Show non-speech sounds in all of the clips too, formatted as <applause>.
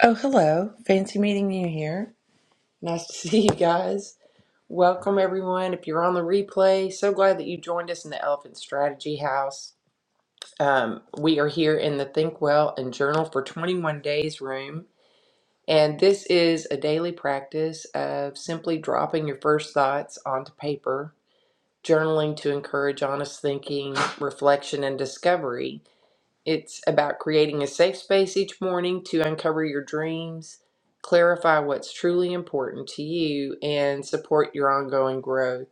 Oh, hello. Fancy meeting you here. Nice to <laughs> see you guys. Welcome, everyone. If you're on the replay, so glad that you joined us in the Elephant Strategy House. Um, we are here in the Think Well and Journal for 21 Days room. And this is a daily practice of simply dropping your first thoughts onto paper, journaling to encourage honest thinking, reflection, and discovery. It's about creating a safe space each morning to uncover your dreams, clarify what's truly important to you, and support your ongoing growth.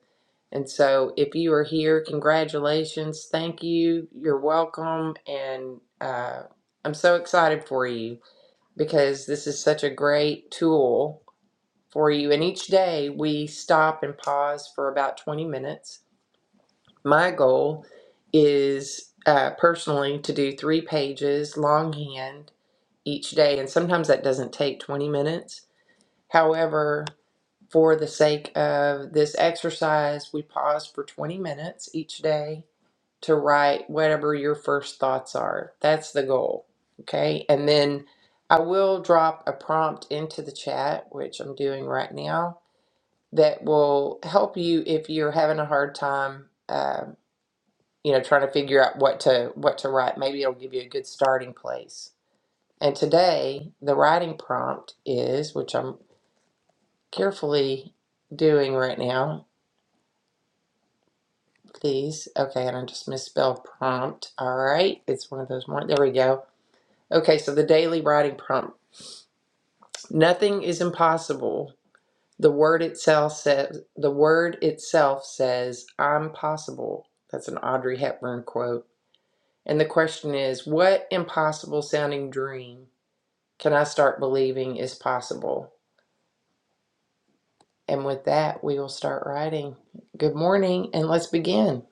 And so, if you are here, congratulations. Thank you. You're welcome. And uh, I'm so excited for you because this is such a great tool for you. And each day we stop and pause for about 20 minutes my goal is uh, personally to do three pages longhand each day, and sometimes that doesn't take 20 minutes. However, for the sake of this exercise, we pause for 20 minutes each day to write whatever your first thoughts are. That's the goal. Okay, and then I will drop a prompt into the chat, which I'm doing right now, that will help you if you're having a hard time. uh, you know trying to figure out what to what to write maybe it'll give you a good starting place and today the writing prompt is which i'm carefully doing right now please okay and i just misspelled prompt all right it's one of those more there we go okay so the daily writing prompt nothing is impossible the word itself says the word itself says i'm possible that's an audrey hepburn quote and the question is what impossible sounding dream Can I start believing is possible? And with that, we will start writing. Good morning, and let's begin.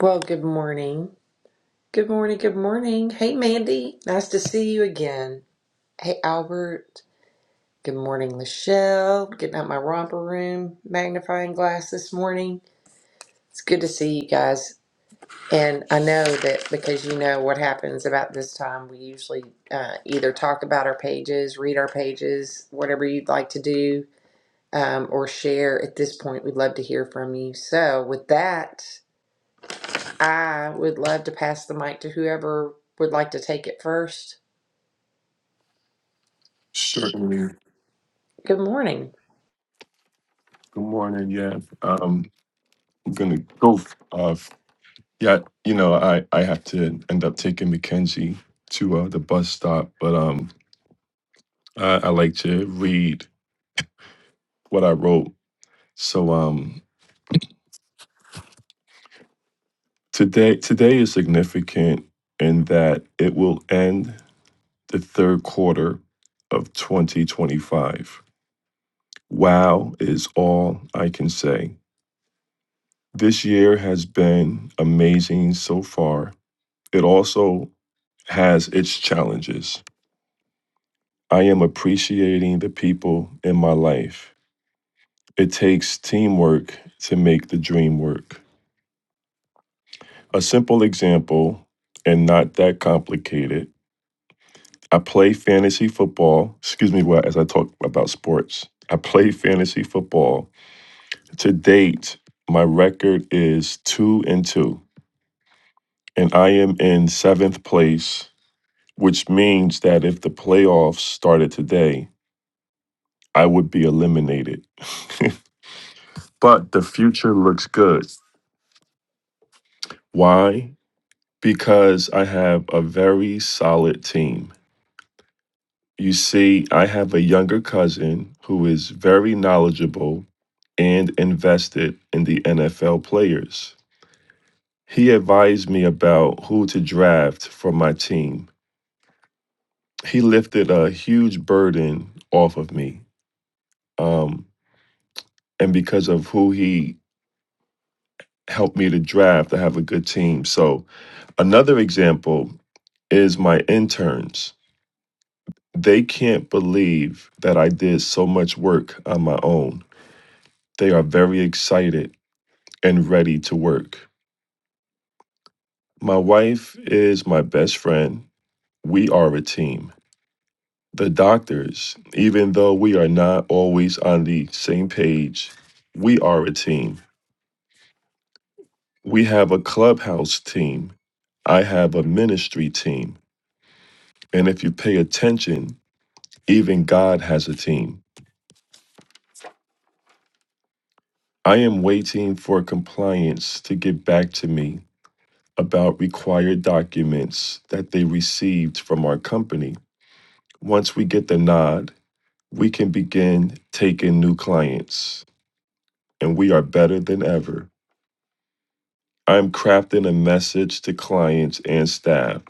Well, good morning. Good morning. Good morning. Hey, Mandy. Nice to see you again. Hey, Albert. Good morning, Lachelle. Getting out my romper room magnifying glass this morning. It's good to see you guys. And I know that because you know what happens about this time, we usually uh, either talk about our pages, read our pages, whatever you'd like to do um, or share at this point. We'd love to hear from you. So, with that, I would love to pass the mic to whoever would like to take it first. Certainly. Good morning. Good morning. Yeah. Um, I'm going to go. f- Uh, f- yeah. You know, I, I have to end up taking Mackenzie to uh, the bus stop, but um, I, I like to read what I wrote. So um, today today is significant in that it will end the third quarter of 2025. Wow is all I can say. This year has been amazing so far. It also has its challenges. I am appreciating the people in my life. It takes teamwork to make the dream work. A simple example, and not that complicated. I play fantasy football. Excuse me, well, as I talk about sports, I play fantasy football. To date, my record is two and two, and I am in seventh place, which means that if the playoffs started today, I would be eliminated. <laughs> But the future looks good. Why? Because I have a very solid team. You see, I have a younger cousin who is very knowledgeable and invested in the NFL players. He advised me about who to draft for my team. He lifted a huge burden off of me. Um, and because of who he helped me to draft, I have a good team. So, another example is my interns. They can't believe that I did so much work on my own. They are very excited and ready to work. My wife is my best friend. We are a team. The doctors, even though we are not always on the same page, we are a team. We have a clubhouse team. I have a ministry team. And if you pay attention, even God has a team. I am waiting for compliance to get back to me about required documents that they received from our company. Once we get the nod, we can begin taking new clients, and we are better than ever. I'm crafting a message to clients and staff.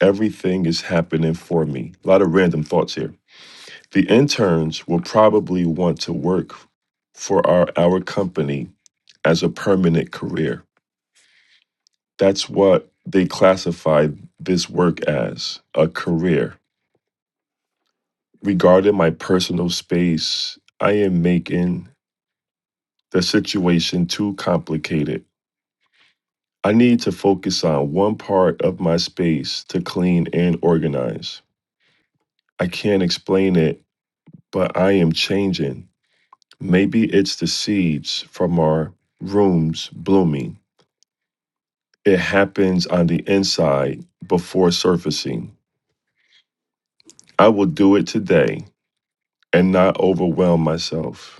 Everything is happening for me. A lot of random thoughts here. The interns will probably want to work for our, our company as a permanent career. That's what they classify this work as a career regarding my personal space, I am making the situation too complicated. I need to focus on one part of my space to clean and organize. I can't explain it, but I am changing. Maybe it's the seeds from our rooms blooming. It happens on the inside before surfacing. I will do it today and not overwhelm myself.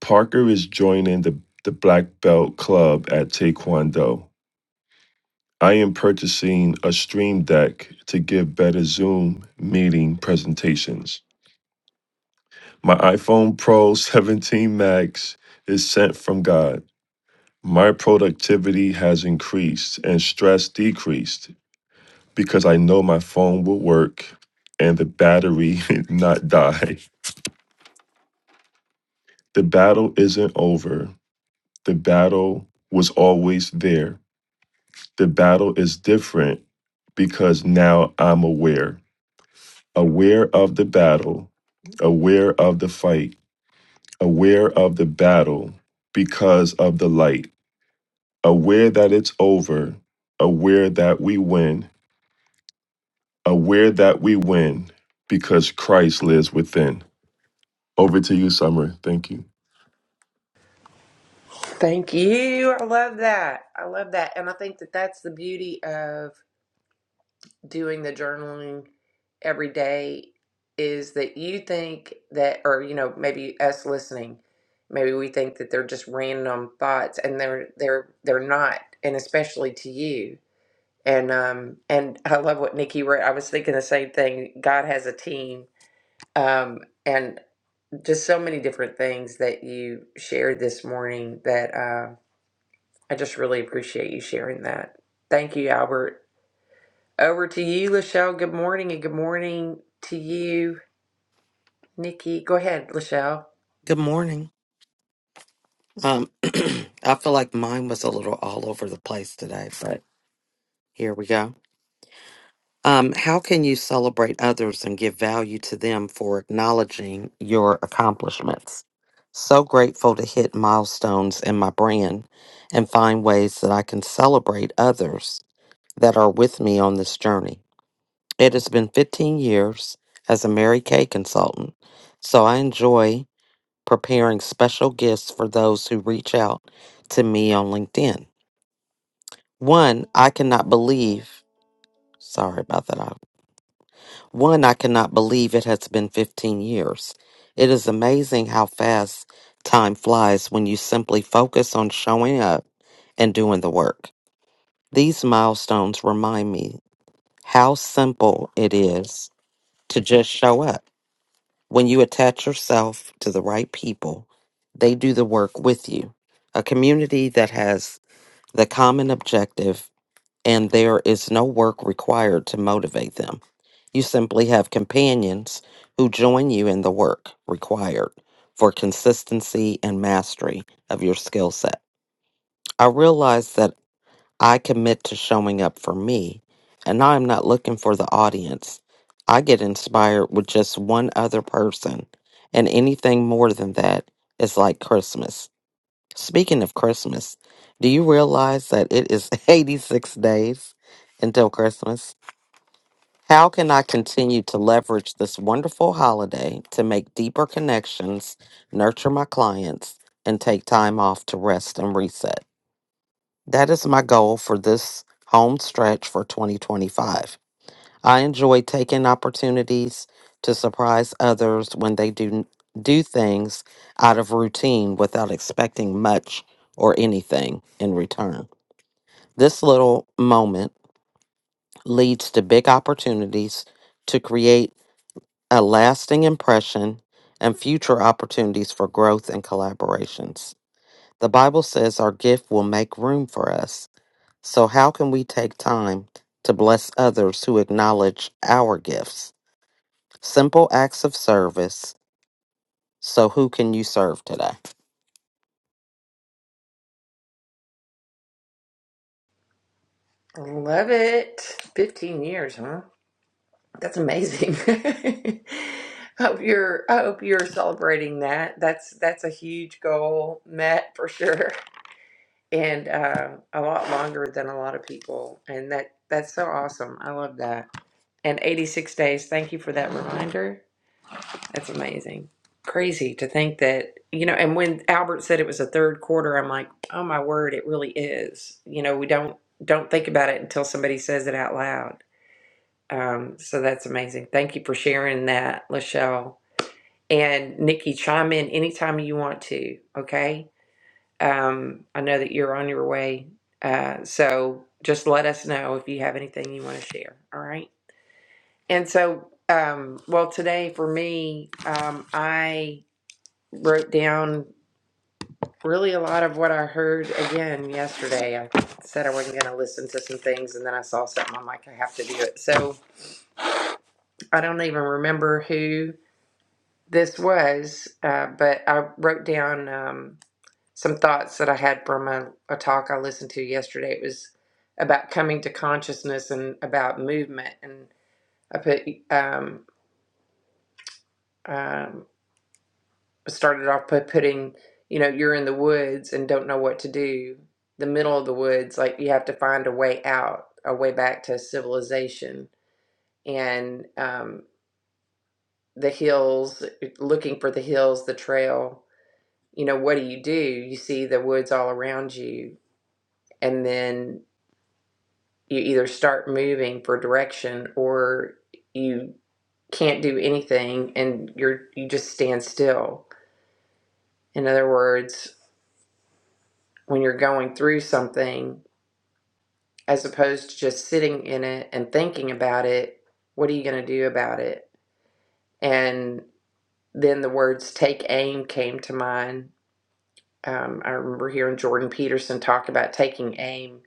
Parker is joining the, the Black Belt Club at Taekwondo. I am purchasing a Stream Deck to give better Zoom meeting presentations. My iPhone Pro 17 Max is sent from God. My productivity has increased and stress decreased because I know my phone will work and the battery <laughs> not die. The battle isn't over. The battle was always there the battle is different because now I'm aware, aware of the battle, aware of the fight, aware of the battle because of the light, aware that it's over, aware that we win, aware that we win because Christ lives within. Over to you, Summer. Thank you. Thank you. I love that. I love that. And I think that that's the beauty of doing the journaling every day is that you think that, or, you know, maybe us listening, maybe we think that they're just random thoughts and they're, they're, they're not. And especially to you And um and I love what Nikki wrote. I was thinking the same thing. God has a team. Um and just so many different things that you shared this morning that uh, I just really appreciate you sharing that. Thank you, Albert. Over to you, Lachelle. Good morning and good morning to you, Nikki. Go ahead, Lachelle. Good morning. Um, <clears throat> I feel like mine was a little all over the place today, but here we go. Um, how can you celebrate others and give value to them for acknowledging your accomplishments? So grateful to hit milestones in my brand and find ways that I can celebrate others that are with me on this journey. It has been 15 years as a Mary Kay consultant, so I enjoy. preparing special gifts for those who reach out to me on LinkedIn. One, I cannot believe, sorry about that. I- One, I cannot believe it has been 15 years. It is amazing how fast time flies when you simply focus on showing up and doing the work. These milestones remind me how simple it is to just show up. When you attach yourself to the right people, they do the work with you. A community that has the common objective and there is no work required to motivate them. You simply have companions who join you in the work required for consistency and mastery of your skill set. I realize that I commit to showing up for me, and I'm not looking for the audience. I get inspired with just one other person, and anything more than that is like Christmas. Speaking of Christmas, do you realize that it is <laughs> 86 days until Christmas? How can I continue to leverage this wonderful holiday to make deeper connections, nurture my clients, and take time off to rest and reset? That is my goal for this home stretch for 2025. I enjoy taking opportunities to surprise others when they do do things out of routine without expecting much or anything in return. This little moment leads to big opportunities to create a lasting impression and future opportunities for growth and collaborations. The Bible says our gift will make room for us So, how can we take time to bless others who acknowledge our gifts? Simple acts of service. So, who can you serve today? Love it. 15 years, huh? That's amazing. <laughs> hope you're I hope you're celebrating that. That's that's a huge goal met for sure, and uh, a lot longer than a lot of people. And that that's so awesome. I love that. And 86 days. Thank you for that reminder. That's amazing. Crazy to think that you know. And when Albert said it was a third quarter, I'm like, oh my word, it really is. You know, we don't don't think about it until somebody says it out loud um, so that's amazing. Thank you for sharing that, Lachelle. And Nikki, chime in anytime you want to, okay? Um, I know that you're on your way. Uh, so just let us know if you have anything you want to share, all right? And so, um, well, today for me, um, I wrote down really a lot of what I heard again yesterday. I said I wasn't going to listen to some things, and then I saw something. I'm like, I have to do it. So I don't even remember who This was, uh, but I wrote down um, some thoughts that I had from a, a talk I listened to yesterday. It was about coming to consciousness and about movement. And I put, um, um, started off by putting, you know, you're in the woods and don't know what to do. The middle of the woods, like you have to find a way out, a way back to civilization. And um, the hills, looking for the hills, the trail you know, what do you do? You see the woods all around you, and then you either start moving for direction or you can't do anything and you're you just stand still. In other words, when you're going through something, as opposed to just sitting in it and thinking about it, what are you going to do about it? And then the words take aim came to mind. Um, I remember hearing Jordan Peterson talk about taking aim.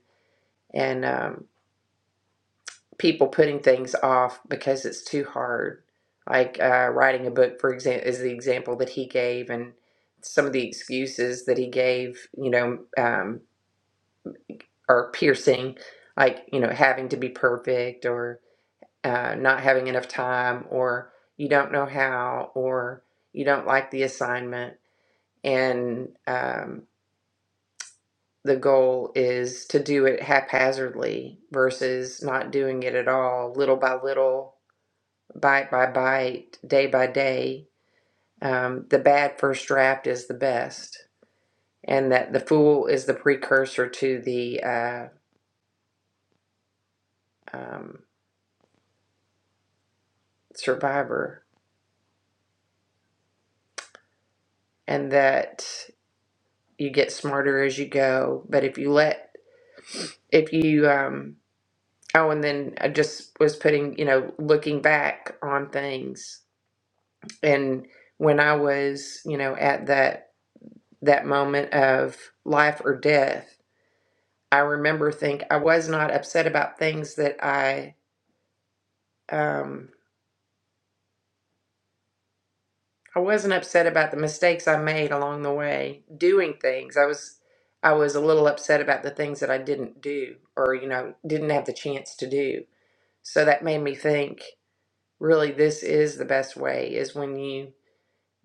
And um, people putting things off because it's too hard. Like uh, writing a book, for example, is the example that he gave, and some of the excuses that he gave, you know, um, are piercing, like, you know, having to be perfect or uh, not having enough time or you don't know how or you don't like the assignment. And um, the goal is to do it haphazardly versus not doing it at all, little by little bite by bite, day by day, um, the bad first draft is the best, and that the fool is the precursor to the uh, um, survivor, and that you get smarter as you go. But if you let, if you, um, oh, and then I just was putting, you know, looking back on things, and when I was, you know, at that that moment of life or death I remember think I was not upset about things that I um I wasn't upset about the mistakes I made along the way doing things. I was I was a little upset about the things that I didn't do or you know didn't have the chance to do. So that made me think really this is the best way is when you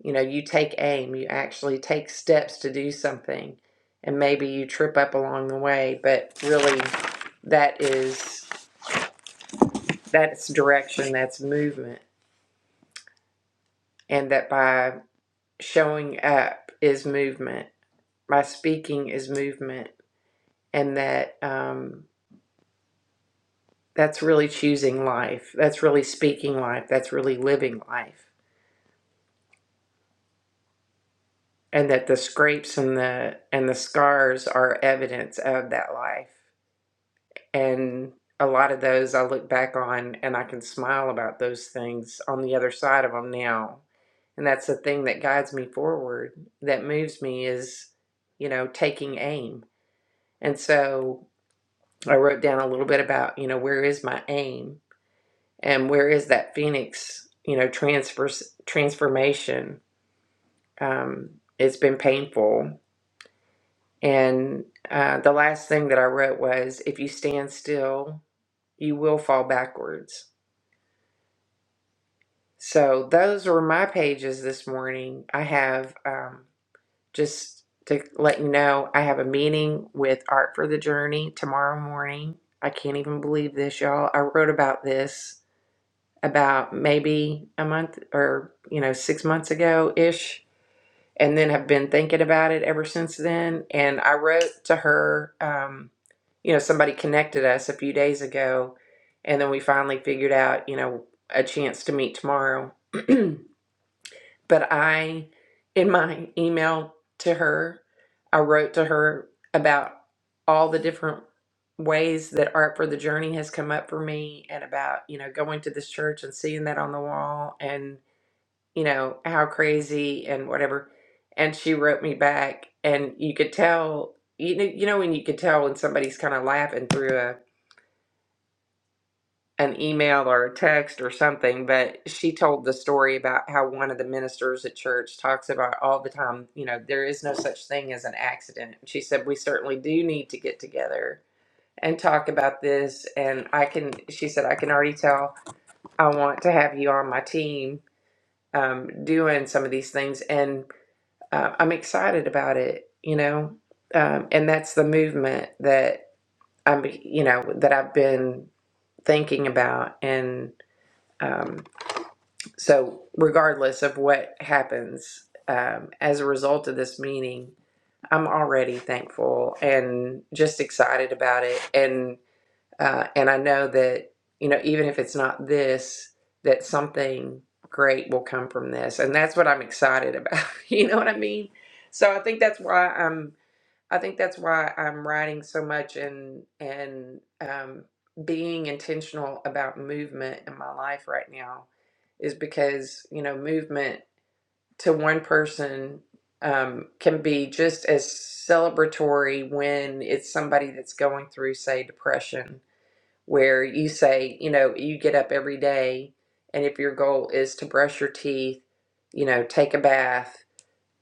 you know you take aim, you actually take steps to do something and maybe you trip up along the way, but really that is that's direction, that's movement and that by showing up is movement, by speaking is movement, and that um, that's really choosing life. That's really speaking life. That's really living life, and that the scrapes and the and the scars are evidence of that life. And a lot of those I look back on, and I can smile about those things on the other side of them now. And that's the thing that guides me forward, that moves me is, you know, taking aim And so I wrote down a little bit about, you know, where is my aim and where is that Phoenix, you know, transfer, transformation? Um, it's been painful. And uh, the last thing that I wrote was if you stand still, you will fall backwards. So those were my pages this morning. I have um, just to let you know, I have a meeting with Art for the Journey tomorrow morning. I can't even believe this, y'all. I wrote about this about maybe a month or you know six months ago ish and then have been thinking about it ever since then and i wrote to her um, you know somebody connected us a few days ago and then we finally figured out you know a chance to meet tomorrow <clears throat> but I, in my email to her, I wrote to her about all the different ways that Art for the Journey has come up for me and about, you know, going to this church and seeing that on the wall and, you know, how crazy and whatever. And she wrote me back and you could tell, you know, you know when you could tell when somebody's kind of laughing through a an email or a text or something, but she told the story about how one of the ministers at church talks about all the time, you know, there is no such thing as an accident. She said, We certainly do need to get together and talk about this. And I can, she said, I can already tell I want to have you on my team um, doing some of these things. And uh, I'm excited about it, you know. Um, and that's the movement that I'm, you know, that I've been thinking about. And, um, So, regardless of what happens um, as a result of this meeting, I'm already thankful and just excited about it. And uh, and I know that you know even if it's not this, that something great will come from this, and that's what I'm excited about. <laughs> You know what I mean? So I think that's why I'm I think that's why I'm writing so much and and um, being intentional about movement in my life right now is because you know movement to one person um, can be just as celebratory when it's somebody that's going through say depression where you say you know you get up every day and if your goal is to brush your teeth you know take a bath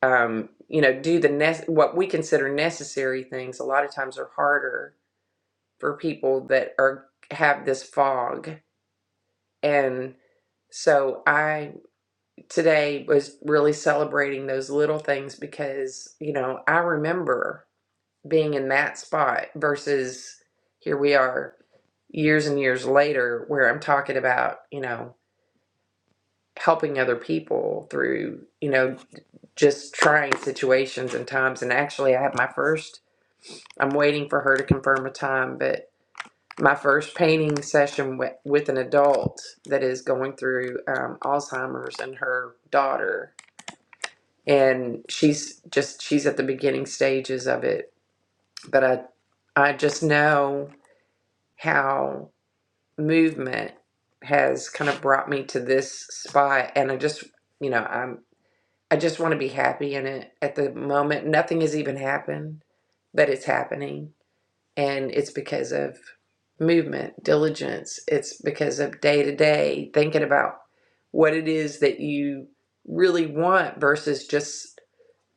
um, you know, do the ne- what we consider necessary things a lot of times are harder for people that are have this fog. And so I today was really celebrating those little things because, you know, I remember being in that spot versus here we are years and years later where I'm talking about, you know, helping other people through, you know, just trying situations and times. And actually I have my first I'm waiting for her to confirm a time, but my first painting session with, with an adult that is going through um, Alzheimer's and her daughter, and she's just she's at the beginning stages of it. But I I just know how movement has kind of brought me to this spot, and I just you know I'm I just want to be happy in it at the moment. Nothing has even happened, but it's happening and it's because of movement, diligence. It's because of day to day thinking about what it is that you really want versus just,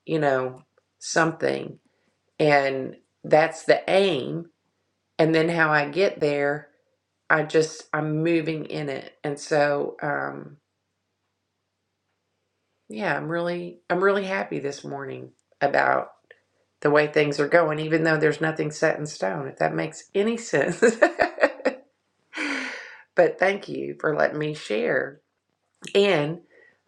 you know, something. And that's the aim. And then how I get there, I just, I'm moving in it. And so, um, yeah, I'm really, I'm really happy this morning about the way things are going, even though there's nothing set in stone, if that makes any sense. <laughs> But thank you for letting me share. And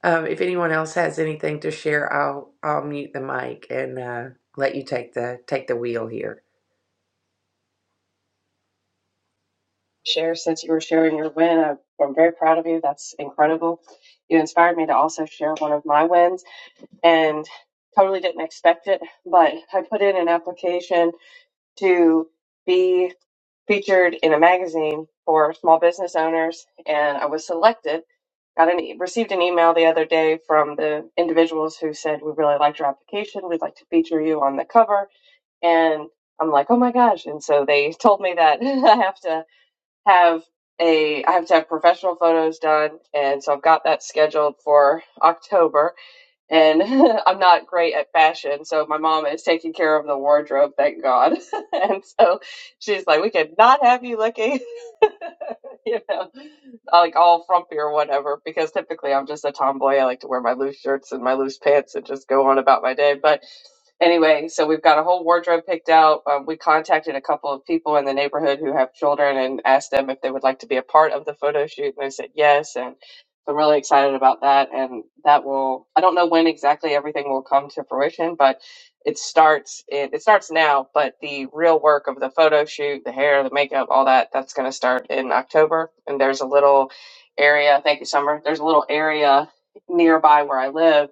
um, if anyone else has anything to share, I'll I'll mute the mic and uh, let you take the take the wheel here. share since you were sharing your win. I, I'm very proud of you. That's incredible. You inspired me to also share one of my wins and totally didn't expect it, but I put in an application to be featured in a magazine for small business owners and I was selected. Got an e- received an email the other day from the individuals who said we really liked your application. We'd like to feature you on the cover and I'm like, oh my gosh. And so they told me that <laughs> I have to have a I have to have professional photos done and so I've got that scheduled for October and <laughs> I'm not great at fashion so my mom is taking care of the wardrobe thank God <laughs> and so she's like we could not have you looking <laughs> <laughs> you know, like all frumpy or whatever, because typically I'm just a tomboy. I like to wear my loose shirts and my loose pants and just go on about my day. But anyway, so we've got a whole wardrobe picked out. Um, we contacted a couple of people in the neighborhood who have children and asked them if they would like to be a part of the photo shoot, and they said yes. And so I'm really excited about that. And that will, I don't know when exactly everything will come to fruition, but it starts in, it starts now, but the real work of the photo shoot, the hair, the makeup, all that, that's going to start in October. And there's a little area, thank you, Summer. There's a little area nearby where I live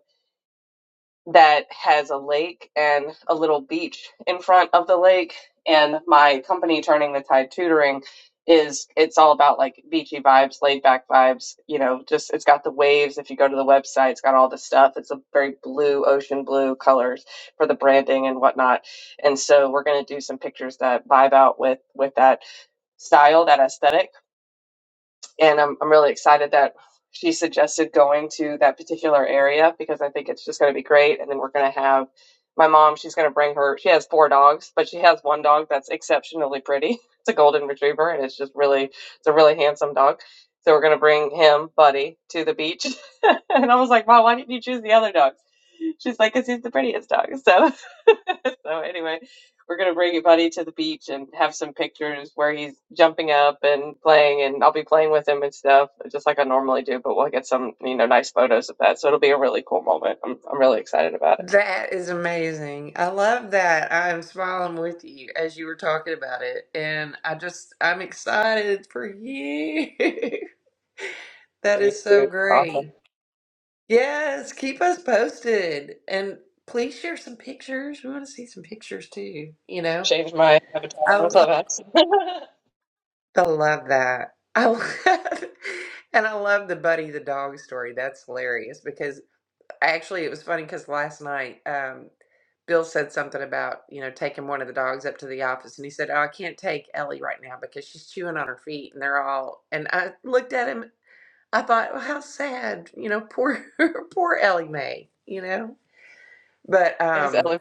that has a lake and a little beach in front of the lake. And my company, Turning the Tide Tutoring, is it's all about like beachy vibes, laid back vibes. You know, just it's got the waves. If you go to the website, it's got all the stuff. It's a very blue, ocean blue colors for the branding and whatnot. And so we're gonna do some pictures that vibe out with with that style, that aesthetic and I'm I'm really excited that she suggested going to that particular area because I think it's just going to be great. And then we're going to have my mom. She's going to bring her. She has four dogs, but she has one dog that's exceptionally pretty. <laughs> It's a golden retriever, and it's just really it's a really handsome dog. So we're going to bring him, Buddy, to the beach. <laughs> and I was like, Mom, why didn't you choose the other dogs? She's like, because he's the prettiest dog. <laughs> So <laughs> so anyway, we're gonna bring your buddy to the beach and have some pictures where he's jumping up and playing, and I'll be playing with him and stuff, just like I normally do. But we'll get some, you know, nice photos of that. So it'll be a really cool moment. I'm I'm really excited about it. That is amazing. I love that. I'm smiling with you as you were talking about it, and I just I'm excited for you. <laughs> For That you, is so too. awesome. great. Yes, keep us posted and please share some pictures. We want to see some pictures too, you know. Change my avatar on I. Clubhouse. <laughs> I love that. I love, <laughs> and I love the Buddy the dog story. That's hilarious because actually it was funny because last night um, Bill said something about you know taking one of the dogs up to the office, and he said, "Oh, I can't take Ellie right now because she's chewing on her feet, and they're all." And I looked at him. I thought, well, how sad, you know, poor <laughs> poor Ellie Mae, you know. But name is um, Ellie.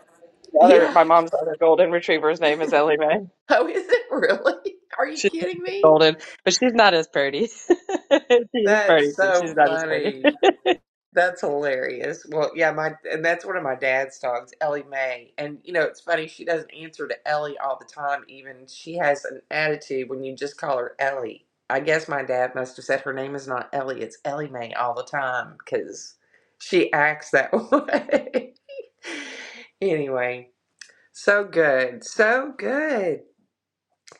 The <laughs> other, yeah. my mom's other golden retriever's name is Ellie Mae. Oh, is it really? <laughs> Are you She's kidding <laughs> me? golden, but she's not as pretty. <laughs> she is pretty, That's but she's so not as pretty. <laughs> funny. that That's hilarious. Well, yeah, my and that's one of my dad's dogs, Ellie Mae. And you know, it's funny she doesn't answer to Ellie all the time. Even she has an attitude when you just call her Ellie. I guess my dad must have said her name is not Ellie; it's Ellie Mae all the time because she acts that <laughs> way. anyway, so good, so good.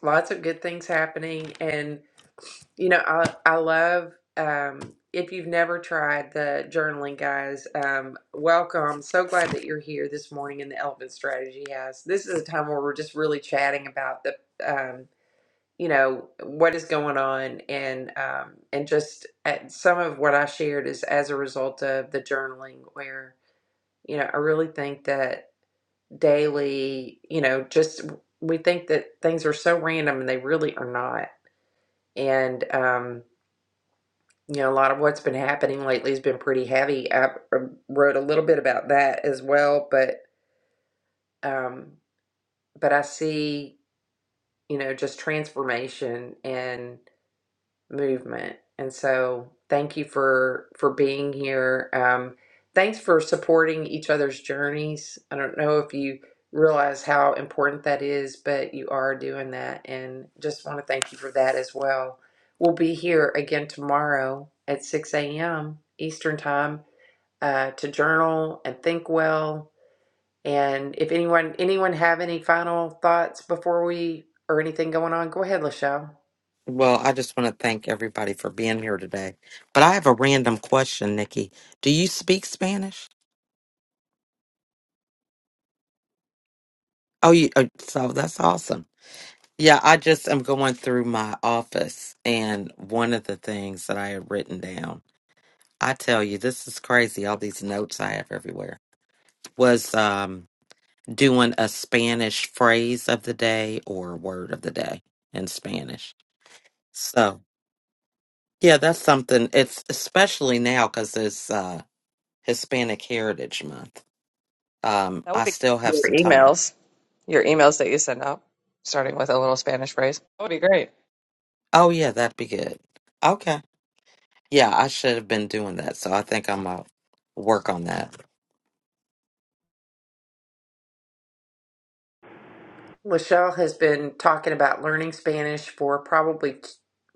Lots of good things happening, and. You know, I I love um if you've never tried the journaling guys, um welcome. So glad that you're here this morning in the Elephant Strategy House. This is a time where we're just really chatting about the um you know what is going on and um and just at some of what I shared is as a result of the journaling where you know I really think that daily, you know, just we think that things are so random and they really are not. And um you know, a lot of what's been happening lately has been pretty heavy. I uh, wrote a little bit about that as well, but um, but I see, you know, just transformation and movement. And so, thank you for for being here. Um, thanks for supporting each other's journeys. I don't know if you realize how important that is, but you are doing that, and just want to thank you for that as well. We'll be here again tomorrow at 6 a.m. Eastern Time uh, to journal and think well. And if anyone anyone have any final thoughts before we or anything going on, go ahead, Lachelle. Well, I just want to thank everybody for being here today. But I have a random question, Nikki. Do you speak Spanish? Oh, you, oh, so that's awesome. Yeah, I just am going through my office, and one of the things that I had written down, I tell you, this is crazy, all these notes I have everywhere, was um, doing a Spanish phrase of the day or word of the day in Spanish. So, yeah, that's something. It's especially now because it's uh, Hispanic Heritage Month. Um, would I be still have your some time. emails. your emails that you send out, starting with a little Spanish phrase. That would be great. Oh, yeah, that'd be good. Okay. Yeah, I should have been doing that. So I think I'm going to work on that. Lachelle has been talking about learning Spanish for probably t-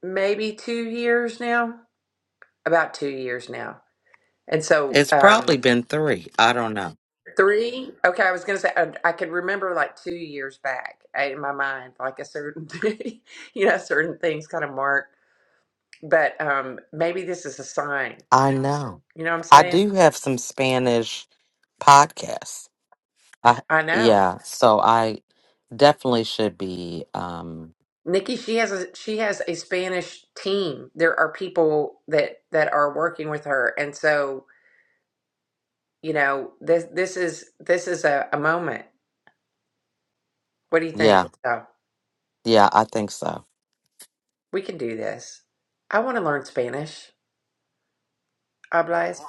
maybe two years now, about two years now. And so, It's um, probably been three. I don't know. three. Okay, I was gonna say I, I could remember like two years back uh, in my mind, like a certain, <laughs> you know, certain things kind of mark. But um, maybe this is a sign. I know. You know what I'm I saying? do have some Spanish podcasts. I, I know. yeah, so I Definitely should be. Um, Nikki, she has a she has a Spanish team. There are people that that are working with her, and so you know this this is this is a, a moment. What do you think? yeah, Let's go. yeah, I think so. We can do this. I want to learn Spanish. Hablas.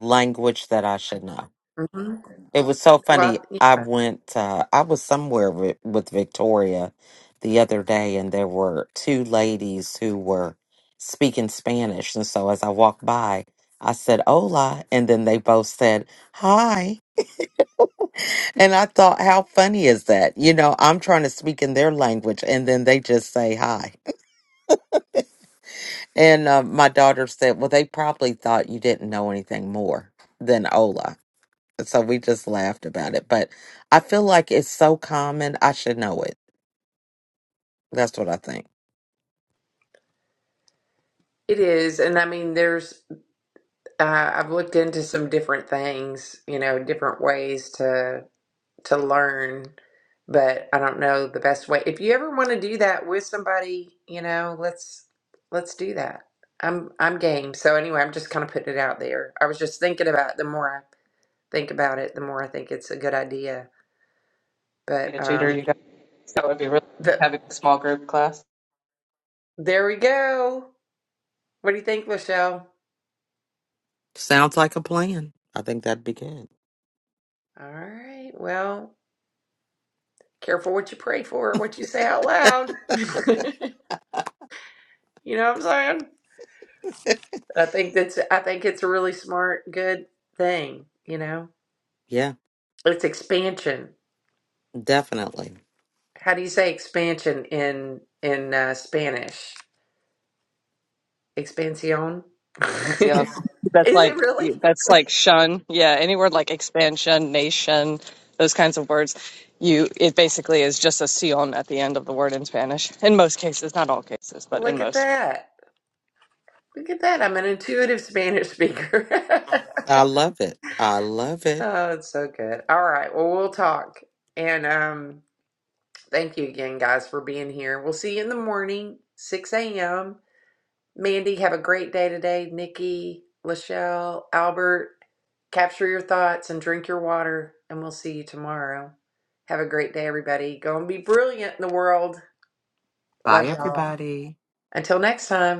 Language that I should know. hmm It was so funny. Well, I went. Uh, I was somewhere with, with Victoria the other day, and there were two ladies who were speaking Spanish. And so as I walked by, I said "Hola," and then they both said "Hi." And I thought, how funny is that? You know, I'm trying to speak in their language, and then they just say "Hi." And uh, my daughter said, well, they probably thought you didn't know anything more than Ola. So we just laughed about it. But I feel like it's so common, I should know it. That's what I think. it is, and I mean, there's uh, I've looked into some different things, you know, different ways to. to learn, but I don't know the best way. If you ever want to do that with somebody, you know, let's let's do that. I'm I'm game. So anyway, I'm just kind of putting it out there. I was just thinking about it. the more I think about it, the more I think it's a good idea. Need But a tutor, um you guys. That would be really nice. the having a small group class there we go. What do you think, Michelle? Sounds like a plan. I think that'd be good. All right. Well, careful what you pray for, what you say out loud. <laughs> you know what I'm saying? I think that's I think it's a really smart, good thing, you know? Yeah, It's expansion. definitely. How do you say expansion in in uh, Spanish? Expansión. <laughs> and see how that's Is it like really? that's like shun. Yeah, any word like expansion, nation, those kinds of words. You it basically is just a sion at the end of the word in Spanish. In most cases, not all cases, but in Look at most. that. Look at that. I'm an intuitive Spanish speaker. I love it. I love <laughs> it. oh, it's so good. All right. Well, we'll talk. And um, thank you again, guys, for being here. We'll see you in the morning, 6 a.m. Mandy, have a great day today. Nikki, Lachelle, Albert, capture your thoughts and drink your water, and we'll see you tomorrow. Have a great day, everybody. Go and be brilliant in the world. Bye, Love <laughs> y'all. everybody. Until next time.